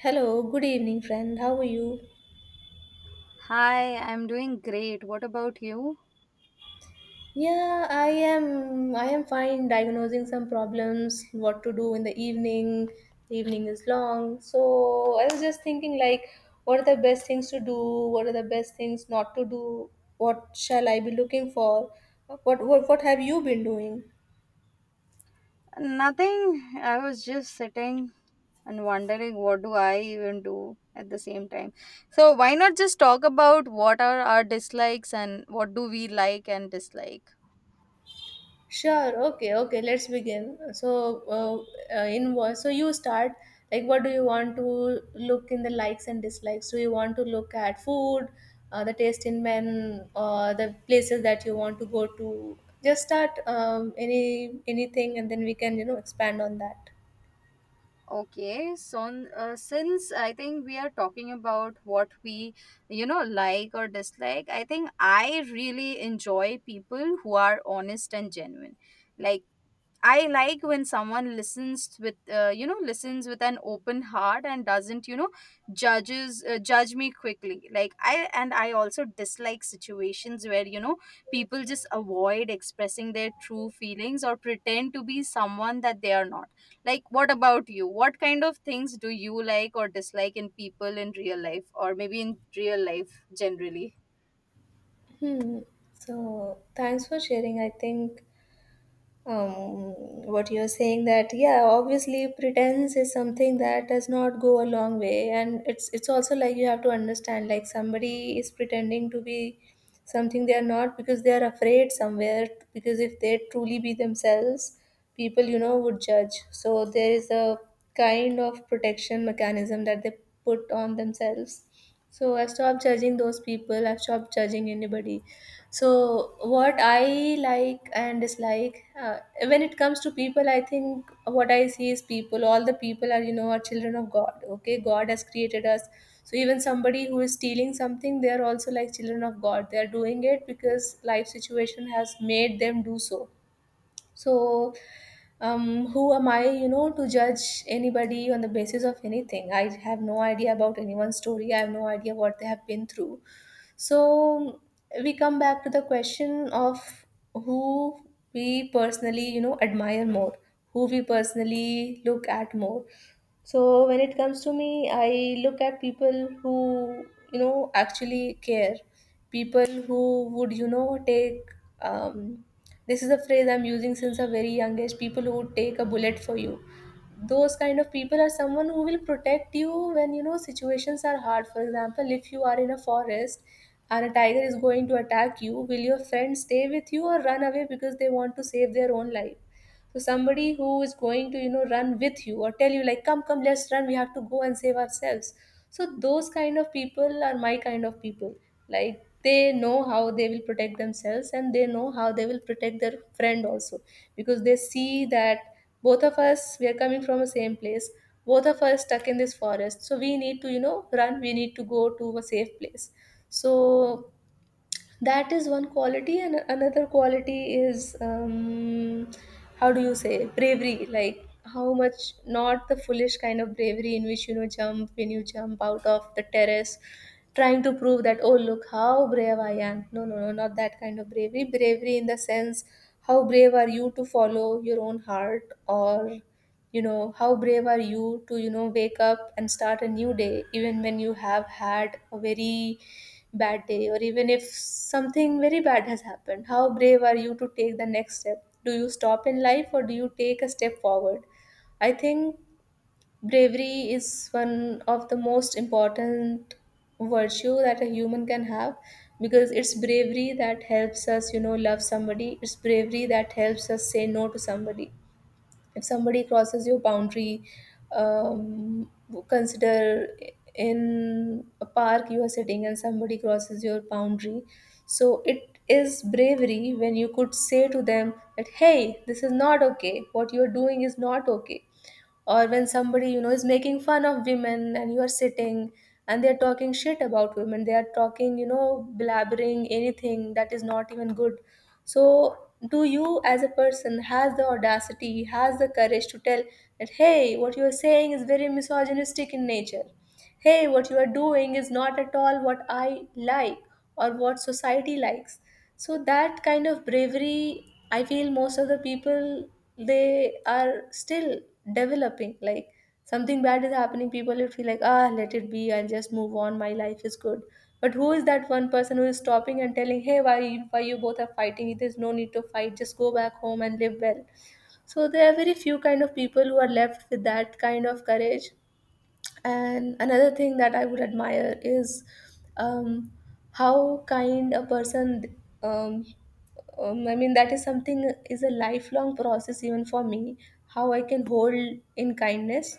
Hello, good evening, friend. How are you? Hi, I'm doing great. What about you? Yeah, I am fine. Diagnosing some problems. What to do in the evening? The evening is long, so I was just thinking like, what are the best things to do? What are the best things not to do? What shall I be looking for? What have you been doing? Nothing. I was just sitting and wondering what do I even do at the same time. So why not just talk about what are our dislikes and what do we like and dislike? Sure. Okay. Okay. Let's begin. So, in what? So you start. Like, what do you want to look in the likes and dislikes? Do you want to look at food, the taste in men, or the places that you want to go to? Just start anything, and then we can expand on that. Okay, so since I think we are talking about what we, like or dislike, I think I really enjoy people who are honest and genuine. Like I like when someone listens with listens with an open heart and doesn't judge me quickly, like I— and I also dislike situations where people just avoid expressing their true feelings or pretend to be someone that they are not. Like, what about you? What kind of things do you like or dislike in people in real life, or maybe in real life generally? Hmm. So thanks for sharing. I think what you're saying that yeah, obviously pretense is something that does not go a long way, and it's also like you have to understand, like somebody is pretending to be something they are not because they are afraid somewhere, because if they truly be themselves, people, you know, would judge. So there is a kind of protection mechanism that they put on themselves. So I stopped judging those people. I stopped judging anybody. So what I like and dislike when it comes to people, I think what I see is people, all the people are, you know, are children of God. Okay, God has created us. So even somebody who is stealing something, they are also like children of God. They are doing it because life situation has made them do so. So, who am I, you know, to judge anybody on the basis of anything? I have no idea about anyone's story. I have no idea what they have been through. So we come back to the question of who we personally, you know, admire more, who we personally look at more. So when it comes to me, I look at people who, you know, actually care, people who would, you know, take um, this is a phrase I'm using since a very young age — people who would take a bullet for you. Those kind of people are someone who will protect you when, you know, situations are hard. For example, if you are in a forest and a tiger is going to attack you, will your friend stay with you or run away because they want to save their own life? So somebody who is going to, you know, run with you or tell you like, come, come, let's run, we have to go and save ourselves. So those kind of people are my kind of people. Like, they know how they will protect themselves, and they know how they will protect their friend also, because they see that both of us, we are coming from the same place. Both of us stuck in this forest, so we need to, you know, run. We need to go to a safe place. So that is one quality, and another quality is, how do you say, bravery. Like, how much — not the foolish kind of bravery in which, you know, jump, when you jump out of the terrace trying to prove that, oh, look how brave I am. No, no, no, not that kind of bravery. Bravery in the sense, how brave are you to follow your own heart? Or, you know, how brave are you to, you know, wake up and start a new day even when you have had a very bad day, or even if something very bad has happened. How brave are you to take the next step? Do you stop in life or do you take a step forward? I think bravery is one of the most important virtue that a human can have, because it's bravery that helps us, you know, love somebody. It's bravery that helps us say no to somebody if somebody crosses your boundary. um, Consider, in a park you are sitting and somebody crosses your boundary. So it is bravery when you could say to them that, hey, this is not okay, what you are doing is not okay. Or when somebody, you know, is making fun of women, and you are sitting and they are talking shit about women, they are talking, you know, blabbering anything that is not even good. So do you, as a person, has the audacity, has the courage to tell that, hey, what you are saying is very misogynistic in nature, hey, what you are doing is not at all what I like, or what society likes. So that kind of bravery, I feel most of the people, they are still developing. Like, something bad is happening, people will feel like, ah, let it be, I'll just move on, my life is good. But who is that one person who is stopping and telling, hey, why you both are fighting? There's no need to fight, just go back home and live well. So there are very few kind of people who are left with that kind of courage. And another thing that I would admire is, um, how kind a person. um, I mean, that is something, is a lifelong process even for me. How I can hold in kindness.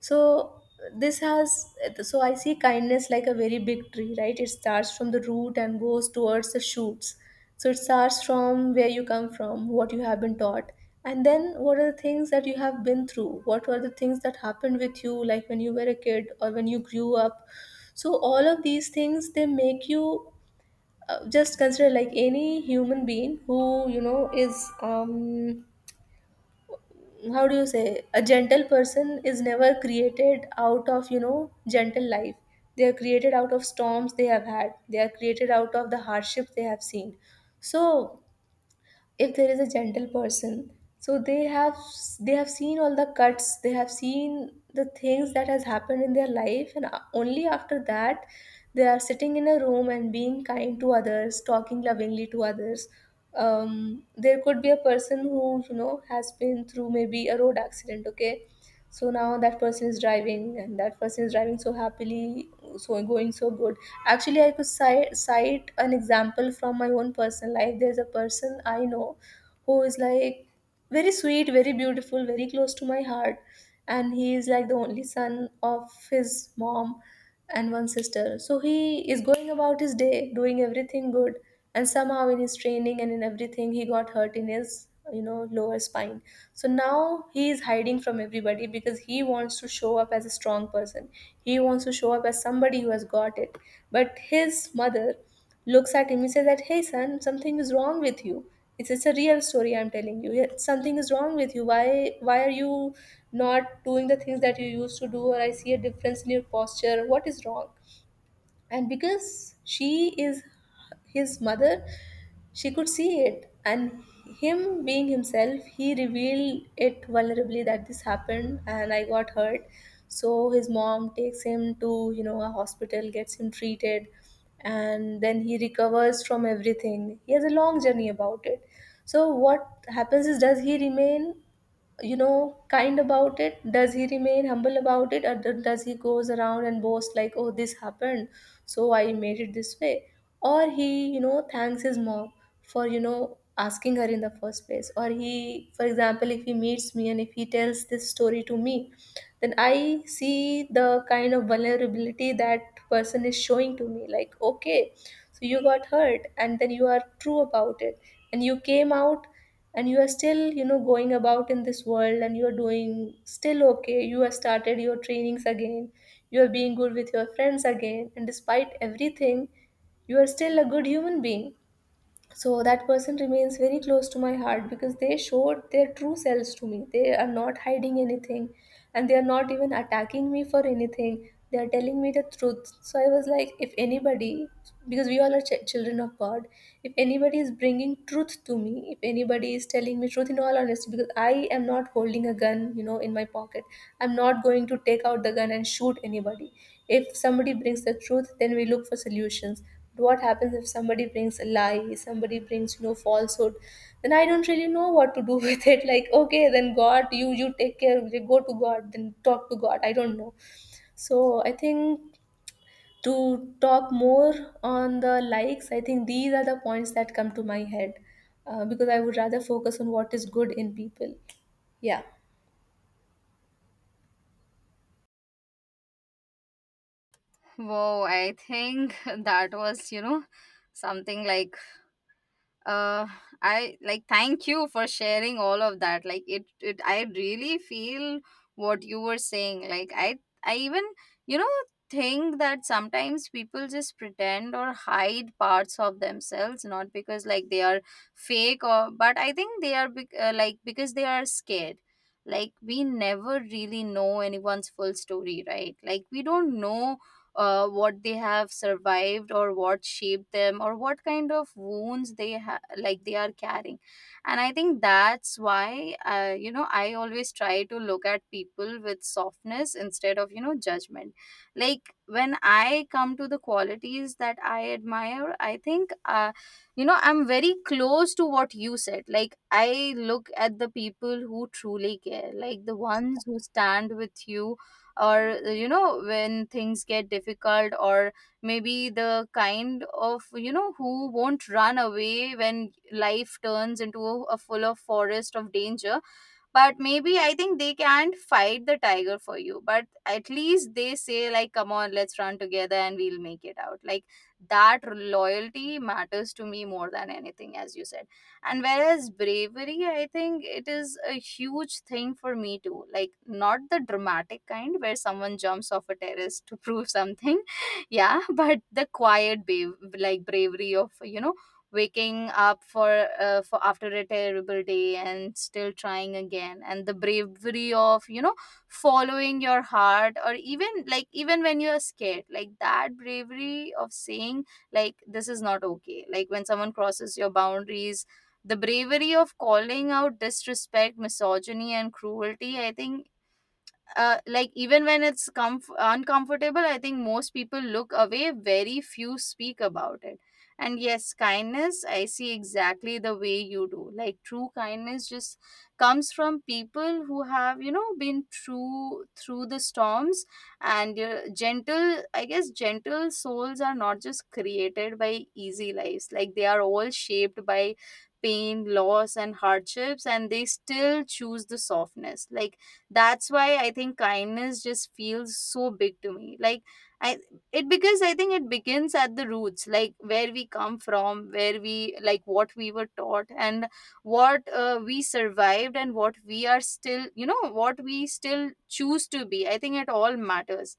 So this has — so I see kindness like a very big tree, right? It starts from the root and goes towards the shoots. So it starts from where you come from, what you have been taught, and then what are the things that you have been through, what were the things that happened with you, like when you were a kid or when you grew up. So all of these things, they make you — just consider, like any human being who, you know, is, um, how do you say, a gentle person is never created out of, you know, gentle life. They are created out of storms they have had. They are created out of the hardships they have seen. So if there is a gentle person, so they have — they have seen all the cuts, they have seen the things that has happened in their life, and only after that they are sitting in a room and being kind to others, talking lovingly to others. There could be a person who, you know, has been through maybe a road accident, okay? So now that person is driving, and that person is driving so happily, so going so good. Actually, I could cite an example from my own personal life. There's a person I know who is like very sweet, very beautiful, very close to my heart, and he is like the only son of his mom and one sister. So he is going about his day, doing everything good, and somehow in his training and in everything, he got hurt in his, you know, lower spine. So now he is hiding from everybody because he wants to show up as a strong person. He wants to show up as somebody who has got it. But his mother looks at him and says that, "Hey son, something is wrong with you. It's a real story I'm telling you. Yeah, something is wrong with you. Why are you not doing the things that you used to do? Or I see a difference in your posture. What is wrong?" And because she is his mother, she could see it, and him being himself, he revealed it vulnerably that this happened and I got hurt. So his mom takes him to, you know, a hospital, gets him treated, and then he recovers from everything. He has a long journey about it. So what happens is, does he remain, you know, kind about it? Does he remain humble about it? Or does he goes around and boast like, oh, this happened, so I made it this way? Or he, you know, thanks his mom for, you know, asking her in the first place? Or he, for example, if he meets me and if he tells this story to me, then I see the kind of vulnerability that person is showing to me, like okay, so you got hurt and then you are true about it, and you came out, and you are still, you know, going about in this world, and you are doing still okay, you have started your trainings again, you are being good with your friends again, and despite everything, you are still a good human being. So that person remains very close to my heart, because they showed their true selves to me. They are not hiding anything, and they are not even attacking me for anything. They are telling me the truth. So I was like, if anybody — because we all are children of God — if anybody is bringing truth to me, if anybody is telling me truth in all honesty, because I am not holding a gun, you know, in my pocket, I'm not going to take out the gun and shoot anybody. If somebody brings the truth, then we look for solutions. What happens if somebody brings a lie, somebody brings, you know, falsehood? Then I don't really know what to do with it. Like, okay, then God, you take care. You go to God, then talk to God, I don't know. So I think, to talk more on the likes, I think these are the points that come to my head. Because I would rather focus on what is good in people. Yeah. Whoa, I think that was, something like uh I like— thank you for sharing all of that. Like it I really feel what you were saying. Like I even you know think that sometimes people just pretend or hide parts of themselves, not because like they are fake or— but I think they are like because they are scared. Like, we never really know anyone's full story, right? Like, we don't know what they have survived, or what shaped them, or what kind of wounds like they are carrying. And I think that's why I always try to look at people with softness instead of judgment. Like when I come to the qualities that I admire, I think I'm very close to what you said. Like, I look at the people who truly care, like the ones who stand with you, or when things get difficult, or maybe the kind of who won't run away when life turns into a full of forest of danger. But maybe I think they can't fight the tiger for you, but at least they say like, come on, let's run together and we'll make it out. Like, that loyalty matters to me more than anything, as you said. And whereas bravery, I think it is a huge thing for me too. Like, not the dramatic kind where someone jumps off a terrace to prove something, yeah, but the quiet babe, like bravery of waking up for after a terrible day and still trying again, and the bravery of following your heart, or even like even when you're scared. Like that bravery of saying like, this is not okay, like when someone crosses your boundaries. The bravery of calling out disrespect, misogyny and cruelty. I think like even when it's uncomfortable, I think most people look away, very few speak about it. And yes, kindness, I see exactly the way you do. Like true kindness just comes from people who have been true through the storms. And gentle, I guess gentle souls are not just created by easy lives, like they are all shaped by pain, loss and hardships, and they still choose the softness. Like, that's why I think kindness just feels so big to me. Like I It, because I think it begins at the roots, like where we come from, where we— like what we were taught, and what we survived, and what we are still— what we still choose to be. I think it all matters.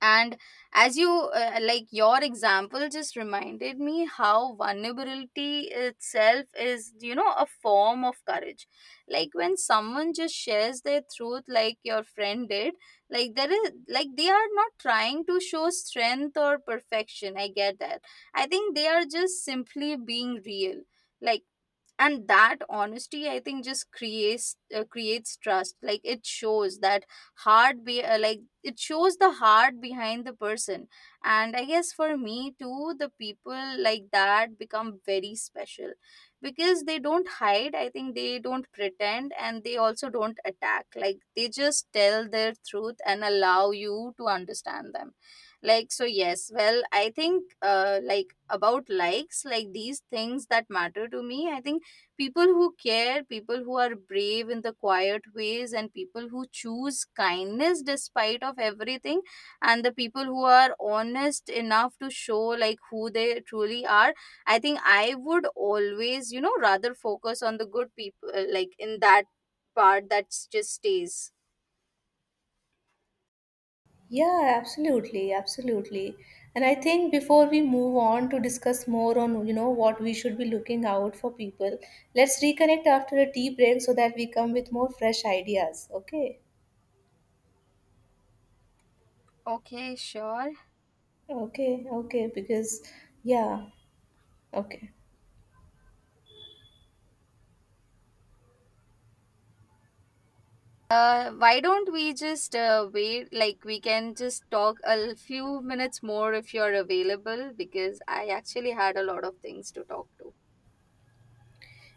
And as you like, your example just reminded me how vulnerability itself is, a form of courage. Like when someone just shares their truth, like your friend did. Like, there is— like, they are not trying to show strength or perfection, I get that. I think they are just simply being real. Like, and that honesty, I think, just creates creates trust. Like it shows that heart be— like it shows the heart behind the person. And I guess for me too, the people like that become very special, because they don't hide, I think, they don't pretend, and they also don't attack. Like they just tell their truth and allow you to understand them. Like, so yes, well, I think like about likes, like these things that matter to me, I think people who care, people who are brave in the quiet ways, and people who choose kindness despite of everything, and the people who are honest enough to show like who they truly are. I think I would always, rather focus on the good people, like in that part that just stays. Yeah, absolutely, absolutely. And I think before we move on to discuss more on, you know, what we should be looking out for people, let's reconnect after a tea break so that we come with more fresh ideas. Okay? Okay, sure. Okay, okay, because yeah, okay. Why don't we just wait? Like, we can just talk a few minutes more if you're available, because I actually had a lot of things to talk to.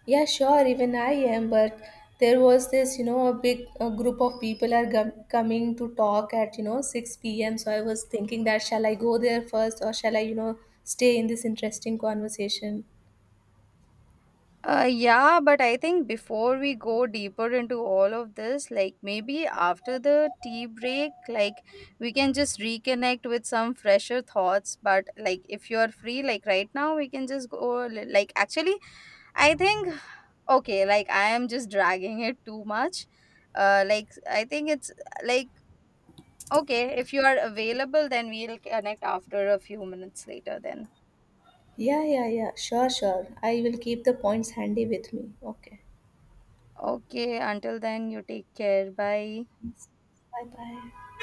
Yeah, sure, even I am, but there was this, you know, a group of people are gum coming to talk at, you know, 6 p.m. So I was thinking that shall I go there first, or shall I, you know, stay in this interesting conversation? Yeah, but I think before we go deeper into all of this, like maybe after the tea break, like we can just reconnect with some fresher thoughts. But like, if you are free, like right now, we can just go. Like actually, I think— okay, like I am just dragging it too much. Like, I think it's like— okay, if you are available, then we'll connect after a few minutes later then. Yeah, yeah, yeah. Sure, sure. I will keep the points handy with me. Okay. Okay, until then, you take care. Bye. Bye bye.